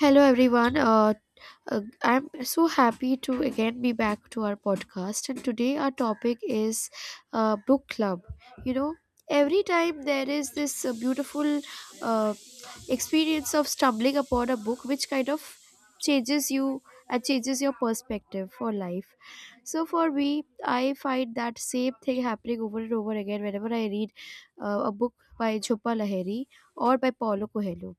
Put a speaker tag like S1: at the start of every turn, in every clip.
S1: Hello, everyone. I'm so happy to again be back to our podcast. And today, our topic is book club. You know, every time there is this beautiful uh, experience of stumbling upon a book, which kind of changes you and changes your perspective for life. So, for me, I find that same thing happening over and over again whenever I read a book by Jhumpa Lahiri or by Paulo Coelho.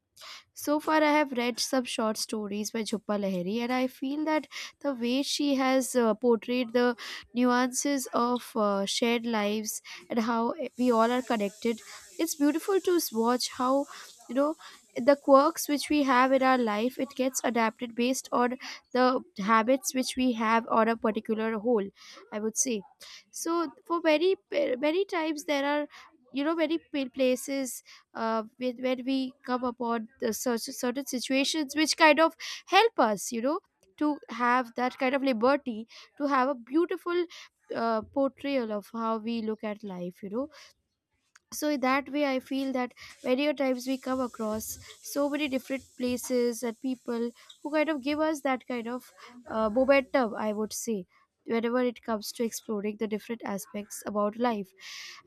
S1: So far, I have read some short stories by Jhumpa Lahiri, and I feel that the way she has portrayed the nuances of shared lives and how we all are connected, it's beautiful to watch how, you know, the quirks which we have in our life it gets adapted based on the habits which we have on a particular whole. I would say, so for many times there are, you know, many places when we come upon the such certain situations which kind of help us, you know, to have that kind of liberty, to have a beautiful portrayal of how we look at life, you know. So in that way I feel that many a times we come across so many different places and people who kind of give us that kind of momentum, I would say, whenever it comes to exploring the different aspects about life.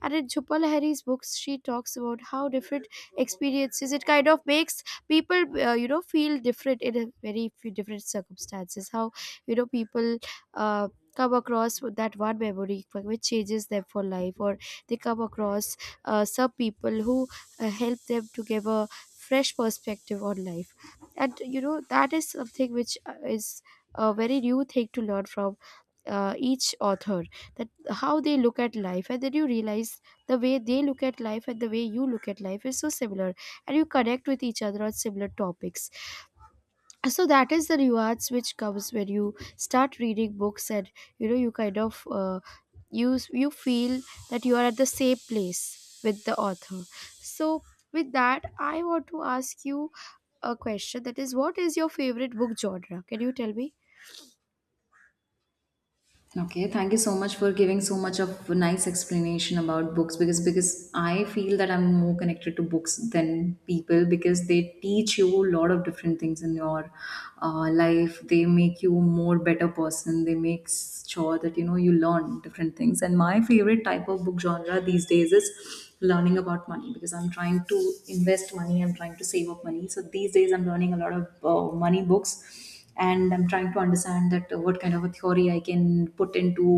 S1: And in Chupal Lahiri's books, she talks about how different experiences it kind of makes people, feel different in a very few different circumstances. How, you know, people uh, come across with that one memory which changes them for life, or they come across some people who help them to give a fresh perspective on life. And you know that is something which is a very new thing to learn from each author, that how they look at life, and then you realize the way they look at life and the way you look at life is so similar, and you connect with each other on similar topics. So that is the rewards which comes when you start reading books, and you know you kind of you feel that you are at the same place with the author. So with that I want to ask you a question, that is, what is your favorite book genre? Can you tell me?
S2: Okay, thank you so much for giving so much of nice explanation about books because I feel that I'm more connected to books than people because they teach you a lot of different things in your life. They make you a more better person. They make sure that you know you learn different things. And my favorite type of book genre these days is learning about money because I'm trying to invest money. I'm trying to save up money. So these days I'm learning a lot of money books and I'm trying to understand that what kind of a theory I can put into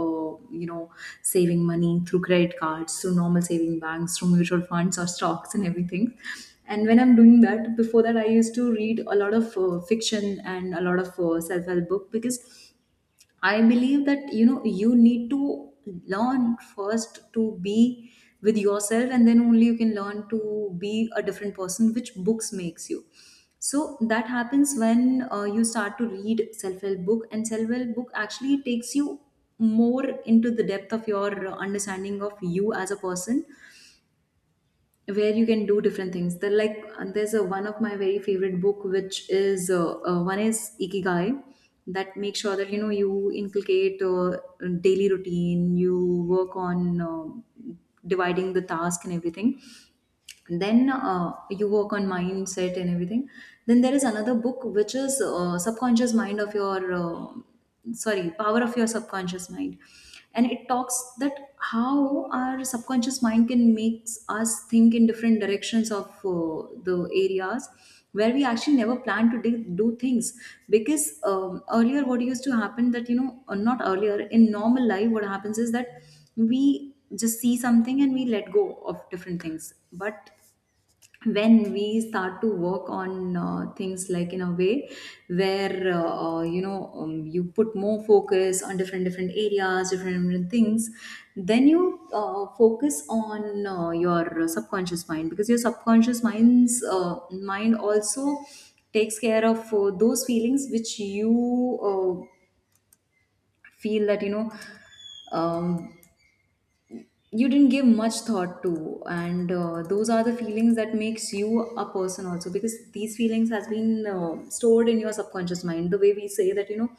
S2: you know saving money through credit cards, through normal saving banks, through mutual funds or stocks and everything. And when I'm doing that, before that I used to read a lot of fiction and a lot of self-help book because I believe that you know you need to learn first to be with yourself, and then only you can learn to be a different person, which books makes you. So that happens when you start to read self-help book, and self-help book actually takes you more into the depth of your understanding of you as a person where you can do different things. There like and there's a one of my very favorite book which is one is Ikigai, that makes sure that you know you inculcate daily routine, you work on dividing the task and everything, then you work on mindset and everything. Then there is another book which is subconscious mind of your sorry, power of your subconscious mind. And it talks that how our subconscious mind can makes us think in different directions of the areas where we actually never plan to do things. Because earlier what used to happen that you know, or not earlier, in normal life what happens is that we just see something and we let go of different things. But when we start to work on things like in a way where you put more focus on different areas, different things, then you focus on your subconscious mind, because your subconscious mind also takes care of those feelings which you uh, feel that you know um, you didn't give much thought to. And those are the feelings that makes you a person also, because these feelings has been stored in your subconscious mind. The way we say that you know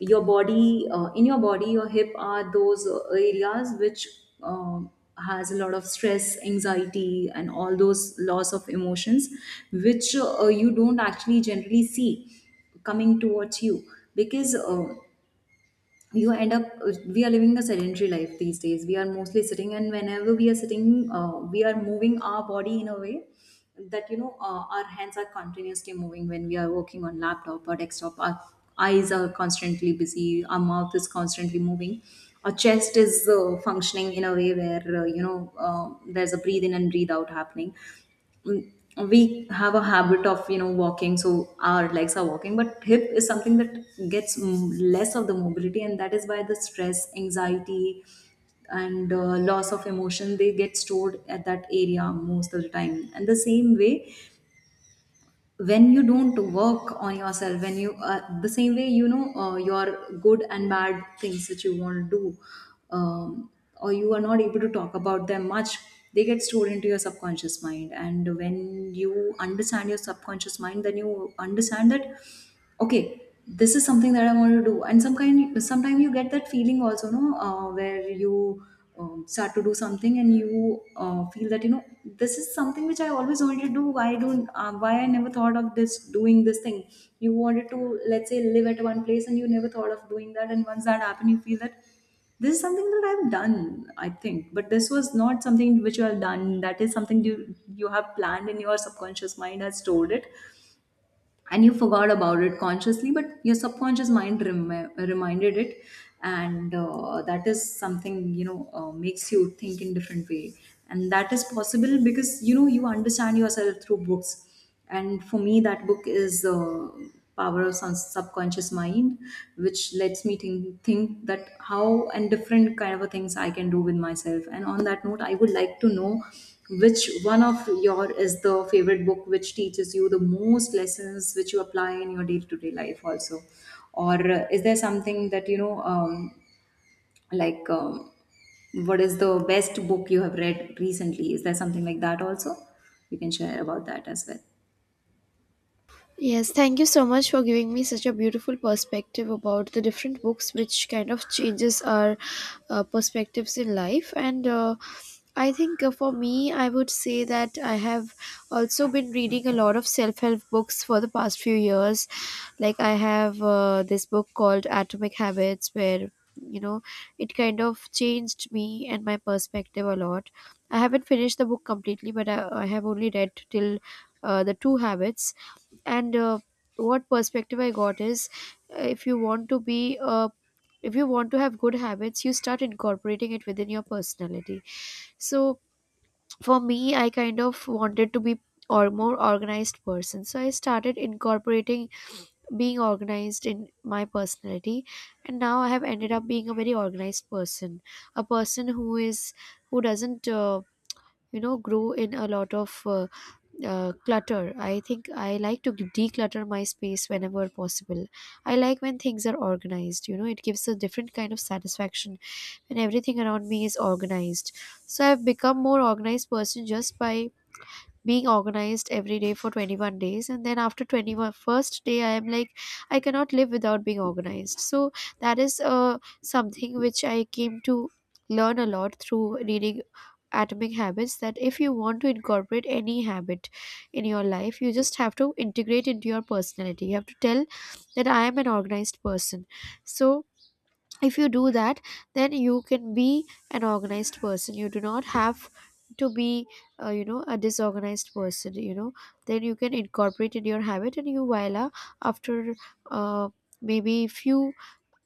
S2: your body in your body, your hip are those areas which um has a lot of stress, anxiety and all those loss of emotions, which you don't actually generally see coming towards you. Because you end up, we are living a sedentary life these days. We are mostly sitting, and whenever we are sitting, we are moving our body in a way that you know our hands are continuously moving when we are working on laptop or desktop. Our eyes are constantly busy, our mouth is constantly moving, our chest is functioning in a way where there's a breathe in and breathe out happening. mm, we have a habit of you know walking, so our legs are walking, but hip is something that gets less of the mobility. And that is why the stress, anxiety and loss of emotion, they get stored at that area most of the time. And the same way, when you don't work on yourself, when you the same way you know your good and bad things that you want to do, um, or you are not able to talk about them much, they get stored into your subconscious mind. And when you understand your subconscious mind, then you understand that okay, this is something that I want to do. And some kind sometimes you get that feeling also, no, where you start to do something and you feel that you know this is something which I always wanted to do. Why don't why I never thought of this doing this thing. You wanted to, let's say, live at one place and you never thought of doing that, and once that happened, you feel that this is something that I've done, I think. But this was not something which you have done, that is something you you have planned, in your subconscious mind has stored it, and you forgot about it consciously, but your subconscious mind reminded it. And that is something you know makes you think in different way. And that is possible because you know you understand yourself through books. And for me that book is power of some subconscious mind, which lets me think that how and different kind of a things I can do with myself. And on that note, I would like to know which one of your is the favorite book which teaches you the most lessons which you apply in your day-to-day life also. Or is there something that you know like um, what is the best book you have read recently? Is there something like that also you can share about that as well?
S1: Yes, thank you so much for giving me such a beautiful perspective about the different books, which kind of changes our perspectives in life. And I think, for me, I would say that I have also been reading a lot of self help books for the past few years. Like, I have this book called Atomic Habits, where, you know, it kind of changed me and my perspective a lot. I haven't finished the book completely, but I have only read till the two habits. And what perspective I got is, if you want to be if you want to have good habits you start incorporating it within your personality. So for me I kind of wanted to be or more organized person, so I started incorporating being organized in my personality, and now I have ended up being a very organized person, a person who is, who doesn't you know grow in a lot of clutter. I think I like to declutter my space whenever possible. I like when things are organized, you know, it gives a different kind of satisfaction when everything around me is organized. So I've become more organized person just by being organized every day for 21 days, and then after 21 first day I am like I cannot live without being organized. So that is something which I came to learn a lot through reading Atomic Habits, that if you want to incorporate any habit in your life you just have to integrate into your personality, you have to tell that I am an organized person. So if you do that, then you can be an organized person. You do not have to be you know a disorganized person, you know. Then you can incorporate in your habit and you voila, after uh, maybe few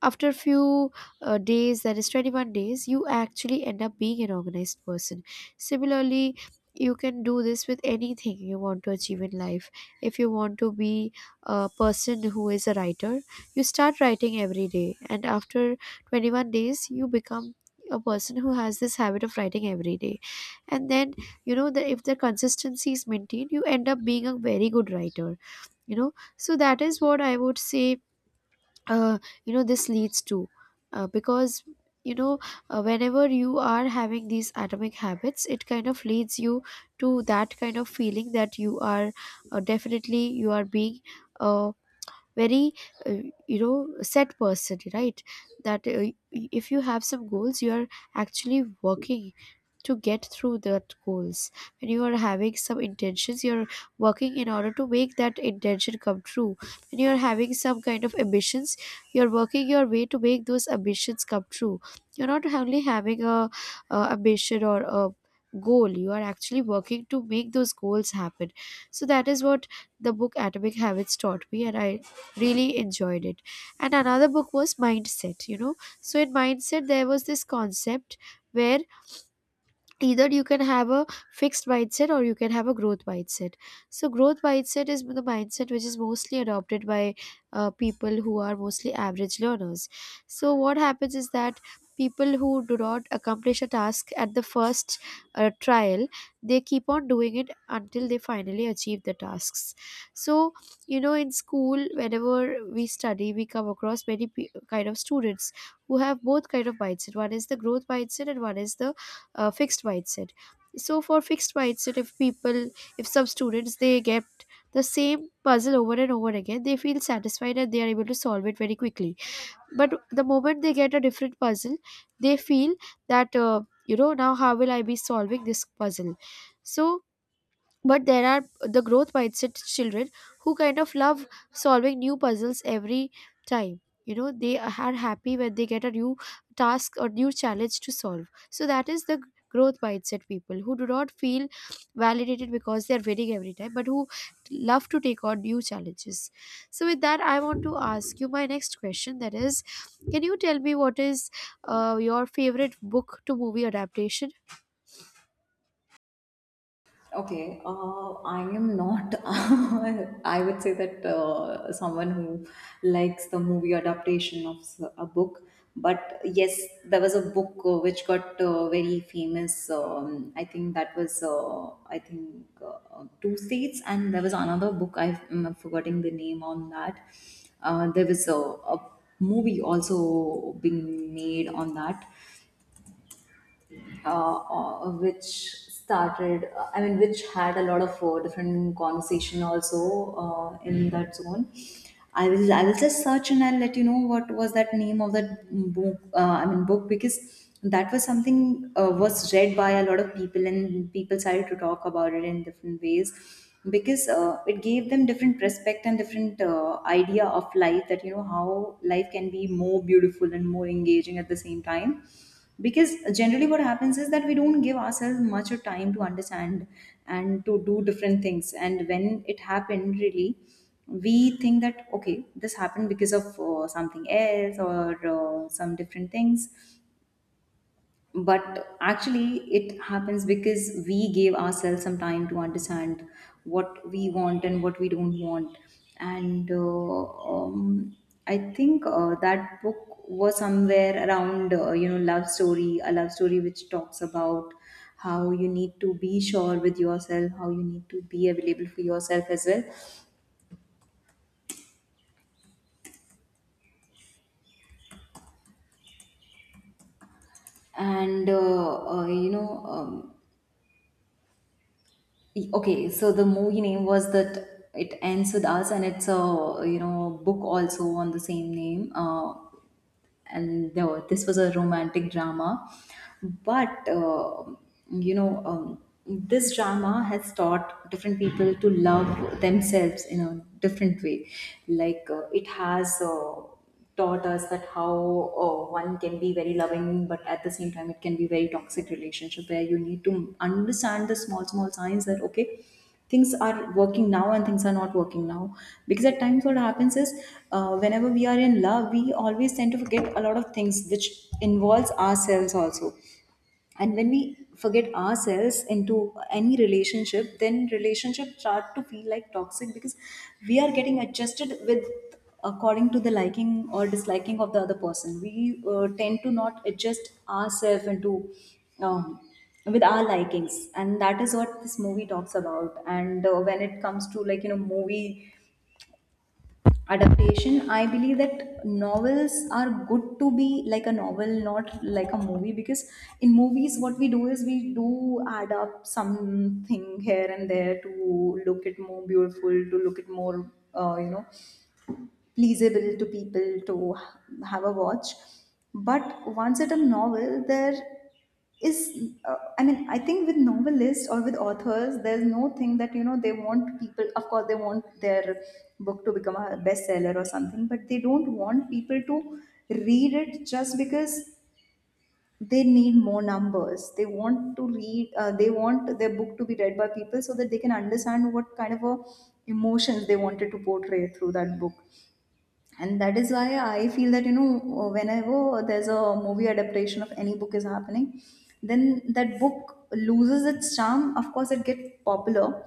S1: after a few days, that is 21 days, you actually end up being an organized person. Similarly, you can do this with anything you want to achieve in life. If you want to be a person who is a writer, you start writing every day, and after 21 days you become a person who has this habit of writing every day. And then you know that if the consistency is maintained you end up being a very good writer, you know. So that is what I would say. uh, you know, this leads to, because, you know, whenever you are having these atomic habits it kind of leads you to that kind of feeling that you are definitely you are being a very you know set person, right? That if you have some goals you are actually working to get through that goals. When you are having some intentions you're working in order to make that intention come true. When you're having some kind of ambitions you're working your way to make those ambitions come true. You're not only having a ambition or a goal, you are actually working to make those goals happen. So that is what the book Atomic Habits taught me, and I really enjoyed it. And another book was Mindset, you know. So in Mindset there was this concept where either you can have a fixed mindset or you can have a growth mindset. So growth mindset is the mindset which is mostly adopted by people who are mostly average learners. So what happens is that people who do not accomplish a task at the first trial, they keep on doing it until they finally achieve the tasks. So, you know, in school whenever we study we come across many kind of students who have both kind of mindset, one is the growth mindset and one is the fixed wide set. So for fixed wide set, if people, if some students they get the same puzzle over and over again, they feel satisfied and they are able to solve it very quickly. But the moment they get a different puzzle they feel that, you know, now how will I be solving this puzzle. So, but there are the growth mindset children who kind of love solving new puzzles every time, you know. They are happy when they get a new task or new challenge to solve. So that is the growth mindset people, who do not feel validated because they are winning every time, but who love to take on new challenges. So with that I want to ask you my next question, that is, can you tell me what is your favorite book to movie adaptation?
S2: Okay, I am not. I would say that someone who likes the movie adaptation of a book. But yes, there was a book which got very famous. I think that was, I think, Two States, and there was another book. I'm forgetting the name on that. There was a movie also being made on that which started I mean which had a lot of different conversation also in that zone. I will just search and I'll let you know what was that name of that book, I mean book, because that was something was read by a lot of people and people started to talk about it in different ways. Because it gave them different perspective and different idea of life, that you know how life can be more beautiful and more engaging at the same time. Because generally what happens is that we don't give ourselves much of time to understand and to do different things, and when it happened really, we think that okay, this happened because of something else or some different things. But actually it happens because we gave ourselves some time to understand what we want and what we don't want. And um, I think that book was somewhere around you know love story, a love story which talks about how you need to be sure with yourself, how you need to be available for yourself as well. And okay, so the movie name was That It Ends With Us, and it's a you know book also on the same name. And no, this was a romantic drama. But you know, this drama has taught different people to love themselves in a different way. Like it has. Taught us that how one can be very loving, but at the same time it can be very toxic relationship, where you need to understand the small small signs that okay, things are working now and things are not working now. Because at times what happens is, whenever we are in love we always tend to forget a lot of things which involves ourselves also. And when we forget ourselves into any relationship, then relationship start to feel like toxic, because we are getting adjusted with, according to the liking or disliking of the other person, we tend to not adjust ourselves into um, with our likings. And that is what this movie talks about. And when it comes to like you know movie adaptation, I believe that novels are good to be like a novel, not like a movie. Because in movies what we do is we do add up something here and there to look it more beautiful, to look it more you know pleasable to people to have a watch. But once at a novel, there is, I mean, I think with novelists or with authors, there's no thing that, you know, they want people, of course, they want their book to become a bestseller or something, but they don't want people to read it just because they need more numbers. They want to read, they want their book to be read by people so that they can understand what kind of a emotions they wanted to portray through that book. And that is why I feel that whenever there's a movie adaptation of any book is happening, then that book loses its charm. Of course it gets popular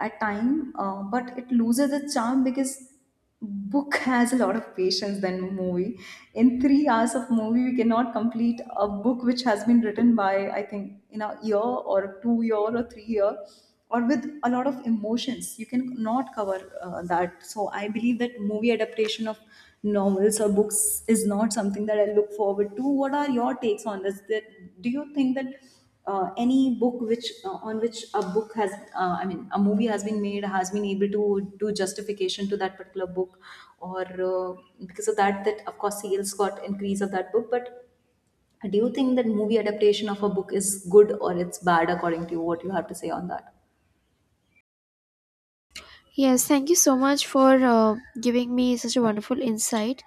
S2: at time, but it loses its charm because book has a lot of patience than movie. In 3 hours of movie we cannot complete a book which has been written by, I think, in a year or 2 year or 3 year, or with a lot of emotions you can not cover that. So I believe that movie adaptation of novels or books is not something that I look forward to. What are your takes on this, that do you think that any book which on which a book has I mean a movie has been made has been able to do justification to that particular book, or uh, because of that of course sales got increase of that book, but do you think that movie adaptation of a book is good or it's bad? According to you, what you have to say on that?
S1: Yes, thank you so much for giving me such a wonderful insight.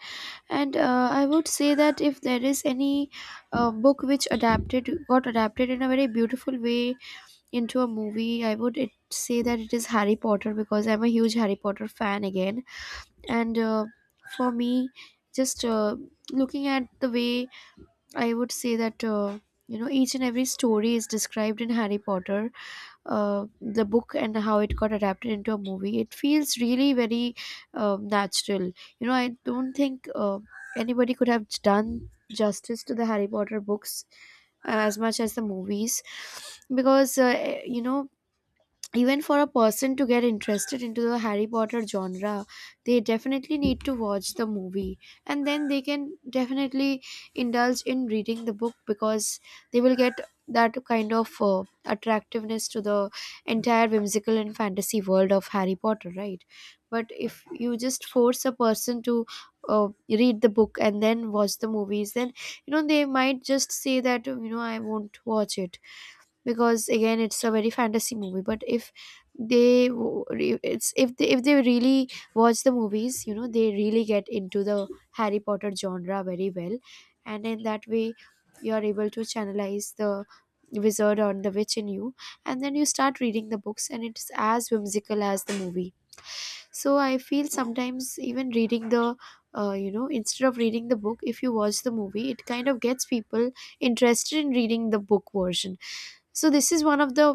S1: And I would say that if there is any book which adapted got adapted in a very beautiful way into a movie, I would say that it is Harry Potter, because I'm a huge Harry Potter fan again. And for me, just looking at the way, I would say that, you know, each and every story is described in Harry Potter, the book, and how it got adapted into a movie it feels really very natural. You know, I don't think anybody could have done justice to the Harry Potter books as much as the movies, because, you know, even for a person to get interested into the Harry Potter genre, they definitely need to watch the movie, and then they can definitely indulge in reading the book, because they will get that kind of attractiveness to the entire whimsical and fantasy world of Harry Potter, right? But if you just force a person to read the book and then watch the movies, then, you know, they might just say that, you know, I won't watch it, because again it's a very fantasy movie. But if they w- re- it's if they really watch the movies, you know, they really get into the Harry Potter genre very well. And in that way you are able to channelize the wizard or the witch in you, and then you start reading the books, and it's as whimsical as the movie. So I feel sometimes even reading the, you know, instead of reading the book if you watch the movie it kind of gets people interested in reading the book version. So this is one of the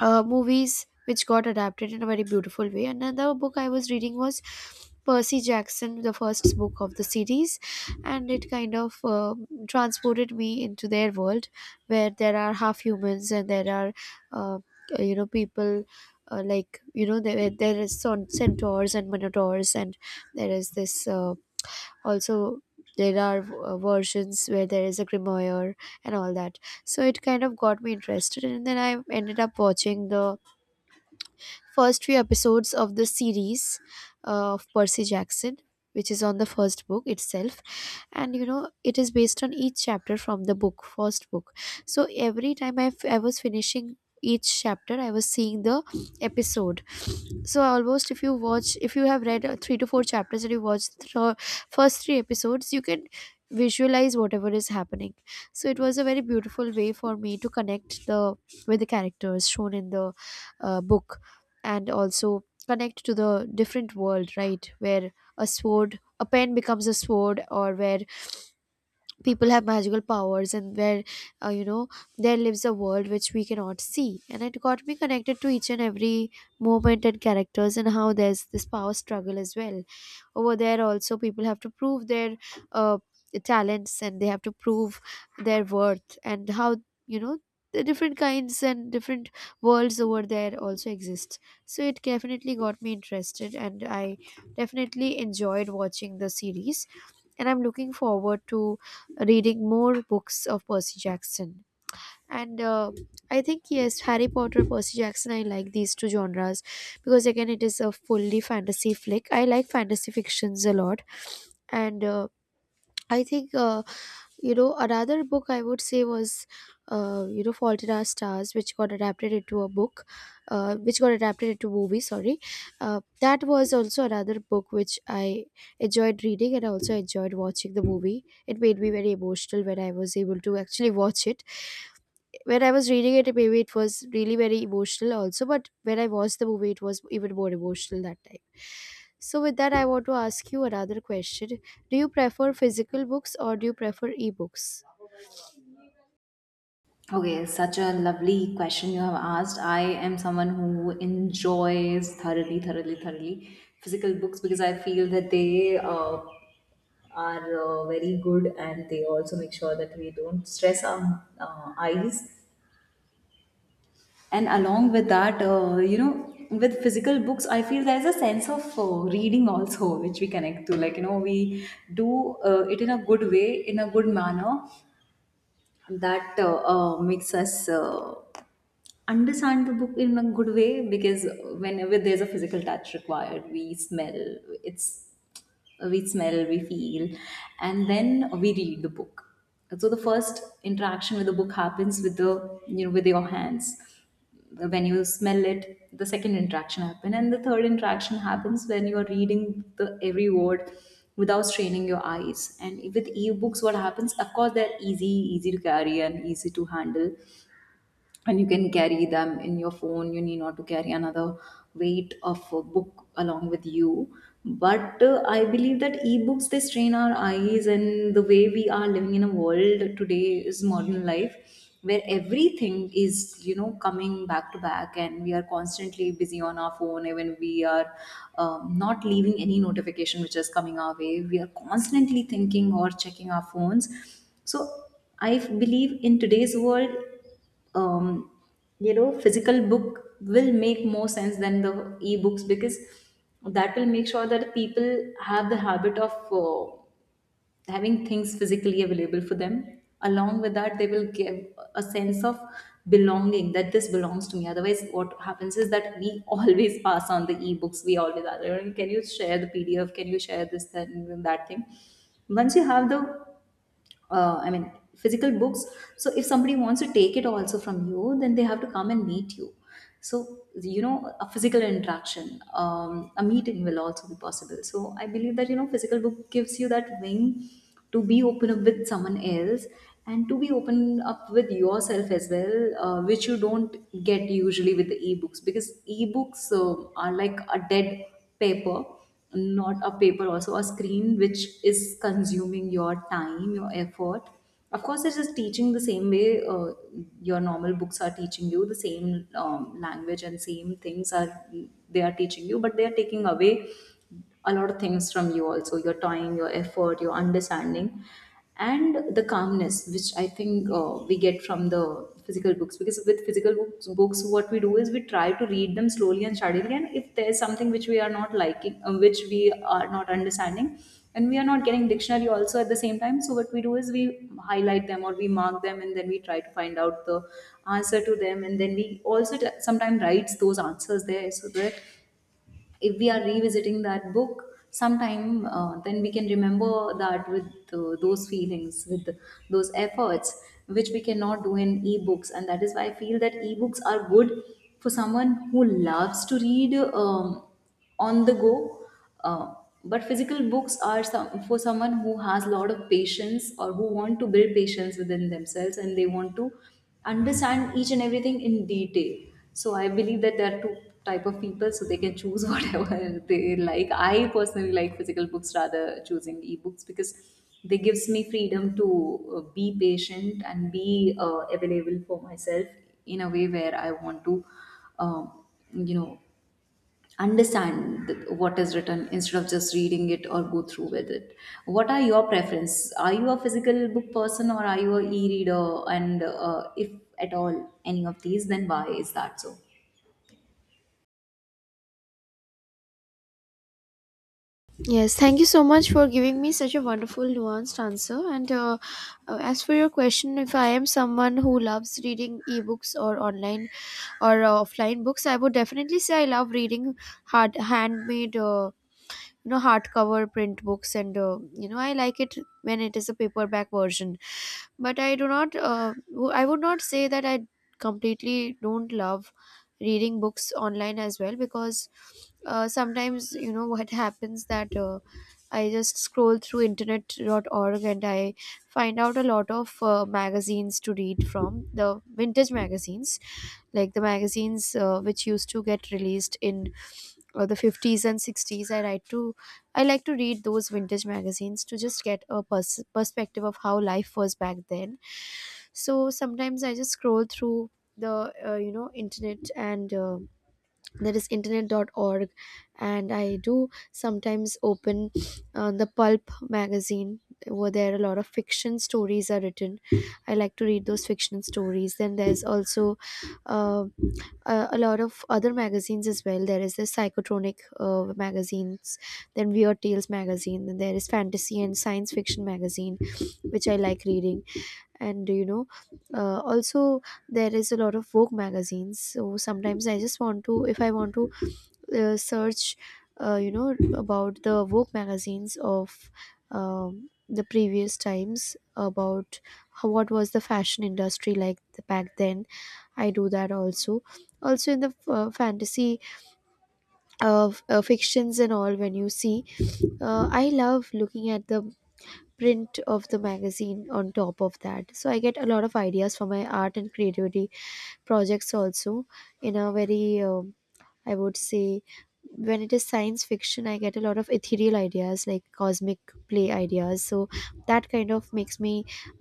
S1: movies which got adapted in a very beautiful way. And another book I was reading was Percy Jackson, the first book of the series, and it kind of transported me into their world where there are half humans and there are, uh, you know, people. There is centaurs and minotaurs and there is this also there are versions where there is a grimoire and all that, so it kind of got me interested and then I ended up watching the first few episodes of the series, of Percy Jackson, which is on the first book itself. And you know, it is based on each chapter from the book, first book. So every time I was finishing each chapter, I was seeing the episode. So almost if you watch, if you have read three to four chapters and you watch the first three episodes, you can visualize whatever is happening. So it was a very beautiful way for me to connect the with the characters shown in the book and also connect to the different world, right, where a sword a pen becomes a sword, or where people have magical powers, and where uh, you know there lives a world which we cannot see. And it got me connected to each and every moment and characters, and how there's this power struggle as well. Over there also people have to prove their uh, talents, and they have to prove their worth, and how, you know, the different kinds and different worlds over there also exist. So it definitely got me interested, and I definitely enjoyed watching the series, and I'm looking forward to reading more books of Percy Jackson. And I think, yes, Harry Potter, Percy Jackson. I like these two genres because again, it is a fully fantasy flick. I like fantasy fictions a lot, and I think you know, another book I would say was, you know, Fault in Our Stars, which got adapted into a book, which got adapted into movie. Sorry, that was also another book which I enjoyed reading, and I also enjoyed watching the movie. It made me very emotional when I was able to actually watch it. When I was reading it, maybe it was really very emotional also, but when I watched the movie, it was even more emotional that time. So, with that, I want to ask you another question. Do you prefer physical books or do you prefer ebooks?
S2: Okay, such a lovely question you have asked. I am someone who enjoys thoroughly, thoroughly, thoroughly physical books because I feel that they are very good, and they also make sure that we don't stress our eyes. And along with that, you know, with physical books, I feel there's a sense of reading also which we connect to. Like, you know, we do it in a good way, in a good manner that makes us understand the book in a good way, because whenever there's a physical touch required, we smell, it's, we smell, we feel, and then we read the book. So the first interaction with the book happens with the, you know, with your hands, when you smell it, the second interaction happen, and the third interaction happens when you are reading the every word without straining your eyes. And with ebooks, what happens, of course they're easy to carry and easy to handle, and you can carry them in your phone, you need not to carry another weight of a book along with you. But I believe that ebooks, they strain our eyes, and the way we are living in a world today is modern life, where everything is, you know, coming back to back, and we are constantly busy on our phone, even we are not leaving any notification which is coming our way, we are constantly thinking or checking our phones. So believe in today's world, um, you know, physical book will make more sense than the ebooks, because that will make sure that people have the habit of having things physically available for them. Along with that, they will give a sense of belonging, that this belongs to me. Otherwise, what happens is that we always pass on the ebooks, we always are "Oh, can you share the pdf, can you share this that, and that thing." Once you have the I mean, physical books, so if somebody wants to take it also from you, then they have to come and meet you. So you know, a physical interaction, a meeting will also be possible. So I believe that, you know, physical book gives you that wing to be open up with someone else and to be open up with yourself as well, which you don't get usually with the ebooks, because ebooks are like a dead paper, not a paper also, a screen which is consuming your time, your effort. Of course it is teaching the same way, your normal books are teaching you the same language and same things are, they are teaching you, but they are taking away a lot of things from you also, your time, your effort, your understanding, and the calmness which I think we get from the physical books. Because with physical books, books, what we do is we try to read them slowly and steadily, and if there's something which we are not liking, which we are not understanding, and we are not getting dictionary also at the same time, so what we do is we highlight them or we mark them, and then we try to find out the answer to them, and then we also sometimes writes those answers there, so that if we are revisiting that book sometime, then we can remember that with those feelings, with those efforts, which we cannot do in ebooks. And that is why I feel that ebooks are good for someone who loves to read on the go. Uh, but physical books are for someone who has a lot of patience, or who want to build patience within themselves, and they want to understand each and everything in detail. So I believe that there are two type of people, so they can choose whatever they like. I personally like physical books rather choosing ebooks, because they gives me freedom to be patient and be available for myself in a way where I want to, um, you know, understand what is written instead of just reading it or go through with it. What are your preference? Are you a physical book person or are you a e-reader? And if at all any of these, then why is that so?
S1: Yes, thank you so much for giving me such a wonderful, nuanced answer. And as for your question, if I am someone who loves reading ebooks or online or offline books, I would definitely say I love reading hard handmade. You know, hardcover print books, and you know, I like it when it is a paperback version. But I do not I would not say that I completely don't love reading books online as well, because sometimes you know what happens, that I just scroll through internet.org and I find out a lot of magazines to read, from the vintage magazines, like the magazines which used to get released in the 50s and 60s. I like to I like to read those vintage magazines to just get a perspective of how life was back then. So sometimes I just scroll through the internet, and that is internet.org, and I do sometimes open the pulp magazine, where there a lot of fiction stories are written. I like to read those fiction stories. Then there's also uh, a lot of other magazines as well. There is the psychotronic magazines, then weird tales magazine, then there is fantasy and science fiction magazine, which I like reading. And you know, also there is a lot of Vogue magazines. So sometimes I just want to, if I want to search, you know, about the Vogue magazines of the previous times, about how, what was the fashion industry like, the, back then. I do that also. Also in the fantasy of fictions and all, when you see, I love looking at the print of the magazine on top of that, so I get a lot of ideas for my art and creativity projects also, in a very I would say, when it is science fiction I get a lot of ethereal ideas, like cosmic play ideas. So that kind of makes me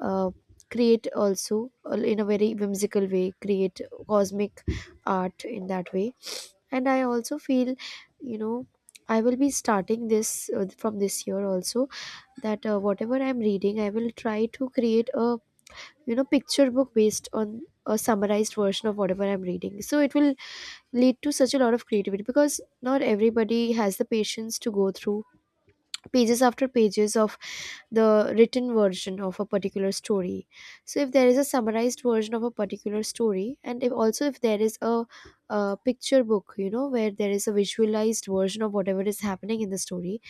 S1: uh, create also, in a very whimsical way, create cosmic art in that way. And I also feel, you know, I will be starting this from this year also, that whatever I'm reading I will try to create a, you know, picture book based on a summarized version of whatever I'm reading. So it will lead to such a lot of creativity, because not everybody has the patience to go through pages after pages of the written version of a particular story. So if there is a summarized version of a particular story, and if also if there is a, picture book, you know, where there is a visualized version of whatever is happening in the story,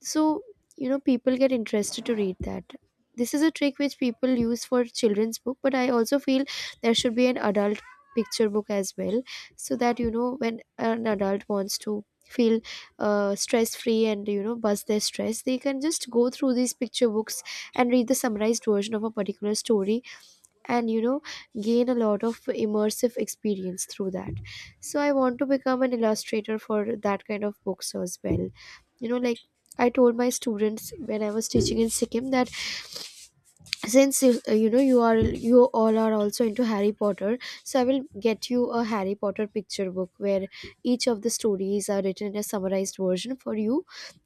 S1: so you know, people get interested to read that. This is a trick which people use for children's book, but I also feel there should be an adult picture book as well, so that you know, when an adult wants to feel stress free and you know bust their stress, they can just go through these picture books and read the summarized version of a particular story, and you know, gain a lot of immersive experience through that. So I want to become an illustrator for that kind of books as well. You know, like I told my students when I was teaching in Sikkim, that since you are you all are also into Harry Potter, so I will get you a Harry Potter picture book, where each of the stories are written in a summarized version for you,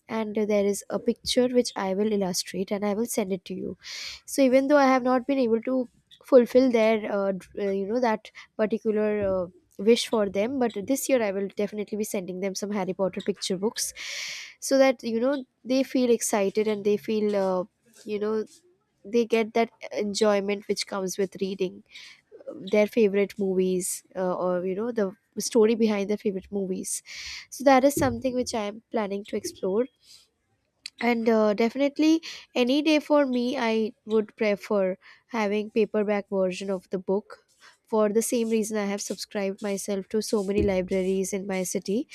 S1: and there is a picture which I will illustrate and I will send it to you. So even though I have not been able to fulfill their you know, that particular uh, wish for them, but this year I will definitely be sending them some Harry Potter picture books, so that you know, they feel excited and they feel you know they get that enjoyment which comes with reading their favorite movies, or you know, the story behind their favorite movies. So that is something which I am planning to explore. And definitely, any day for me I would prefer having paperback version of the book. For the same reason I have subscribed myself to so many libraries in my city.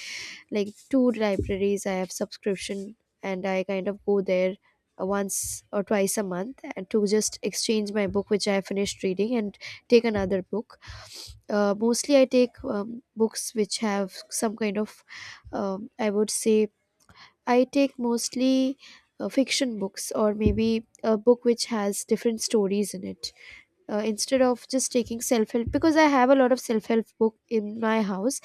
S1: Like two libraries I have subscription, and I kind of go there once or twice a month, and to just exchange my book which I finished reading and take another book. Mostly I take books which have some kind of I would say, I take mostly fiction books, or maybe a book which has different stories in it, instead of just taking self-help, because I have a lot of self-help book in my house.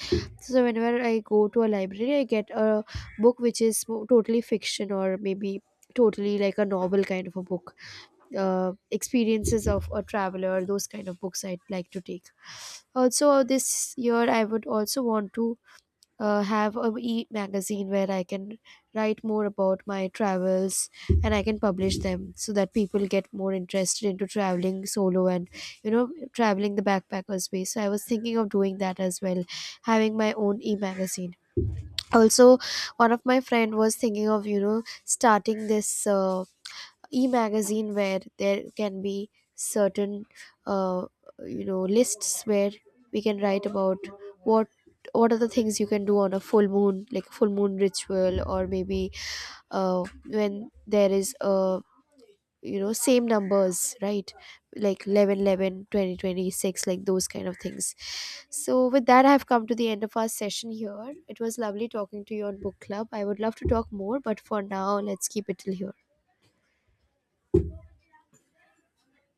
S1: So whenever I go to a library I get a book which is totally fiction, or maybe totally like a novel kind of a book, experiences of a traveler, those kind of books I'd like to take. Also this year I would also want to have a e magazine where I can write more about my travels, and I can publish them so that people get more interested into traveling solo, and you know, traveling the backpacker space. So I was thinking of doing that as well, having my own e magazine. Also, one of my friend was thinking of, you know, starting this. E-magazine where there can be certain uh, you know, lists where we can write about what what are the things you can do on a full moon, like full moon ritual, or maybe when there is a, you know, same numbers, right, like 11, 11, 20, 20, six, like those kind of things. So with that, I have come to the end of our session here. It was lovely talking to you on book club. I would love to talk more, but for now let's keep it till here.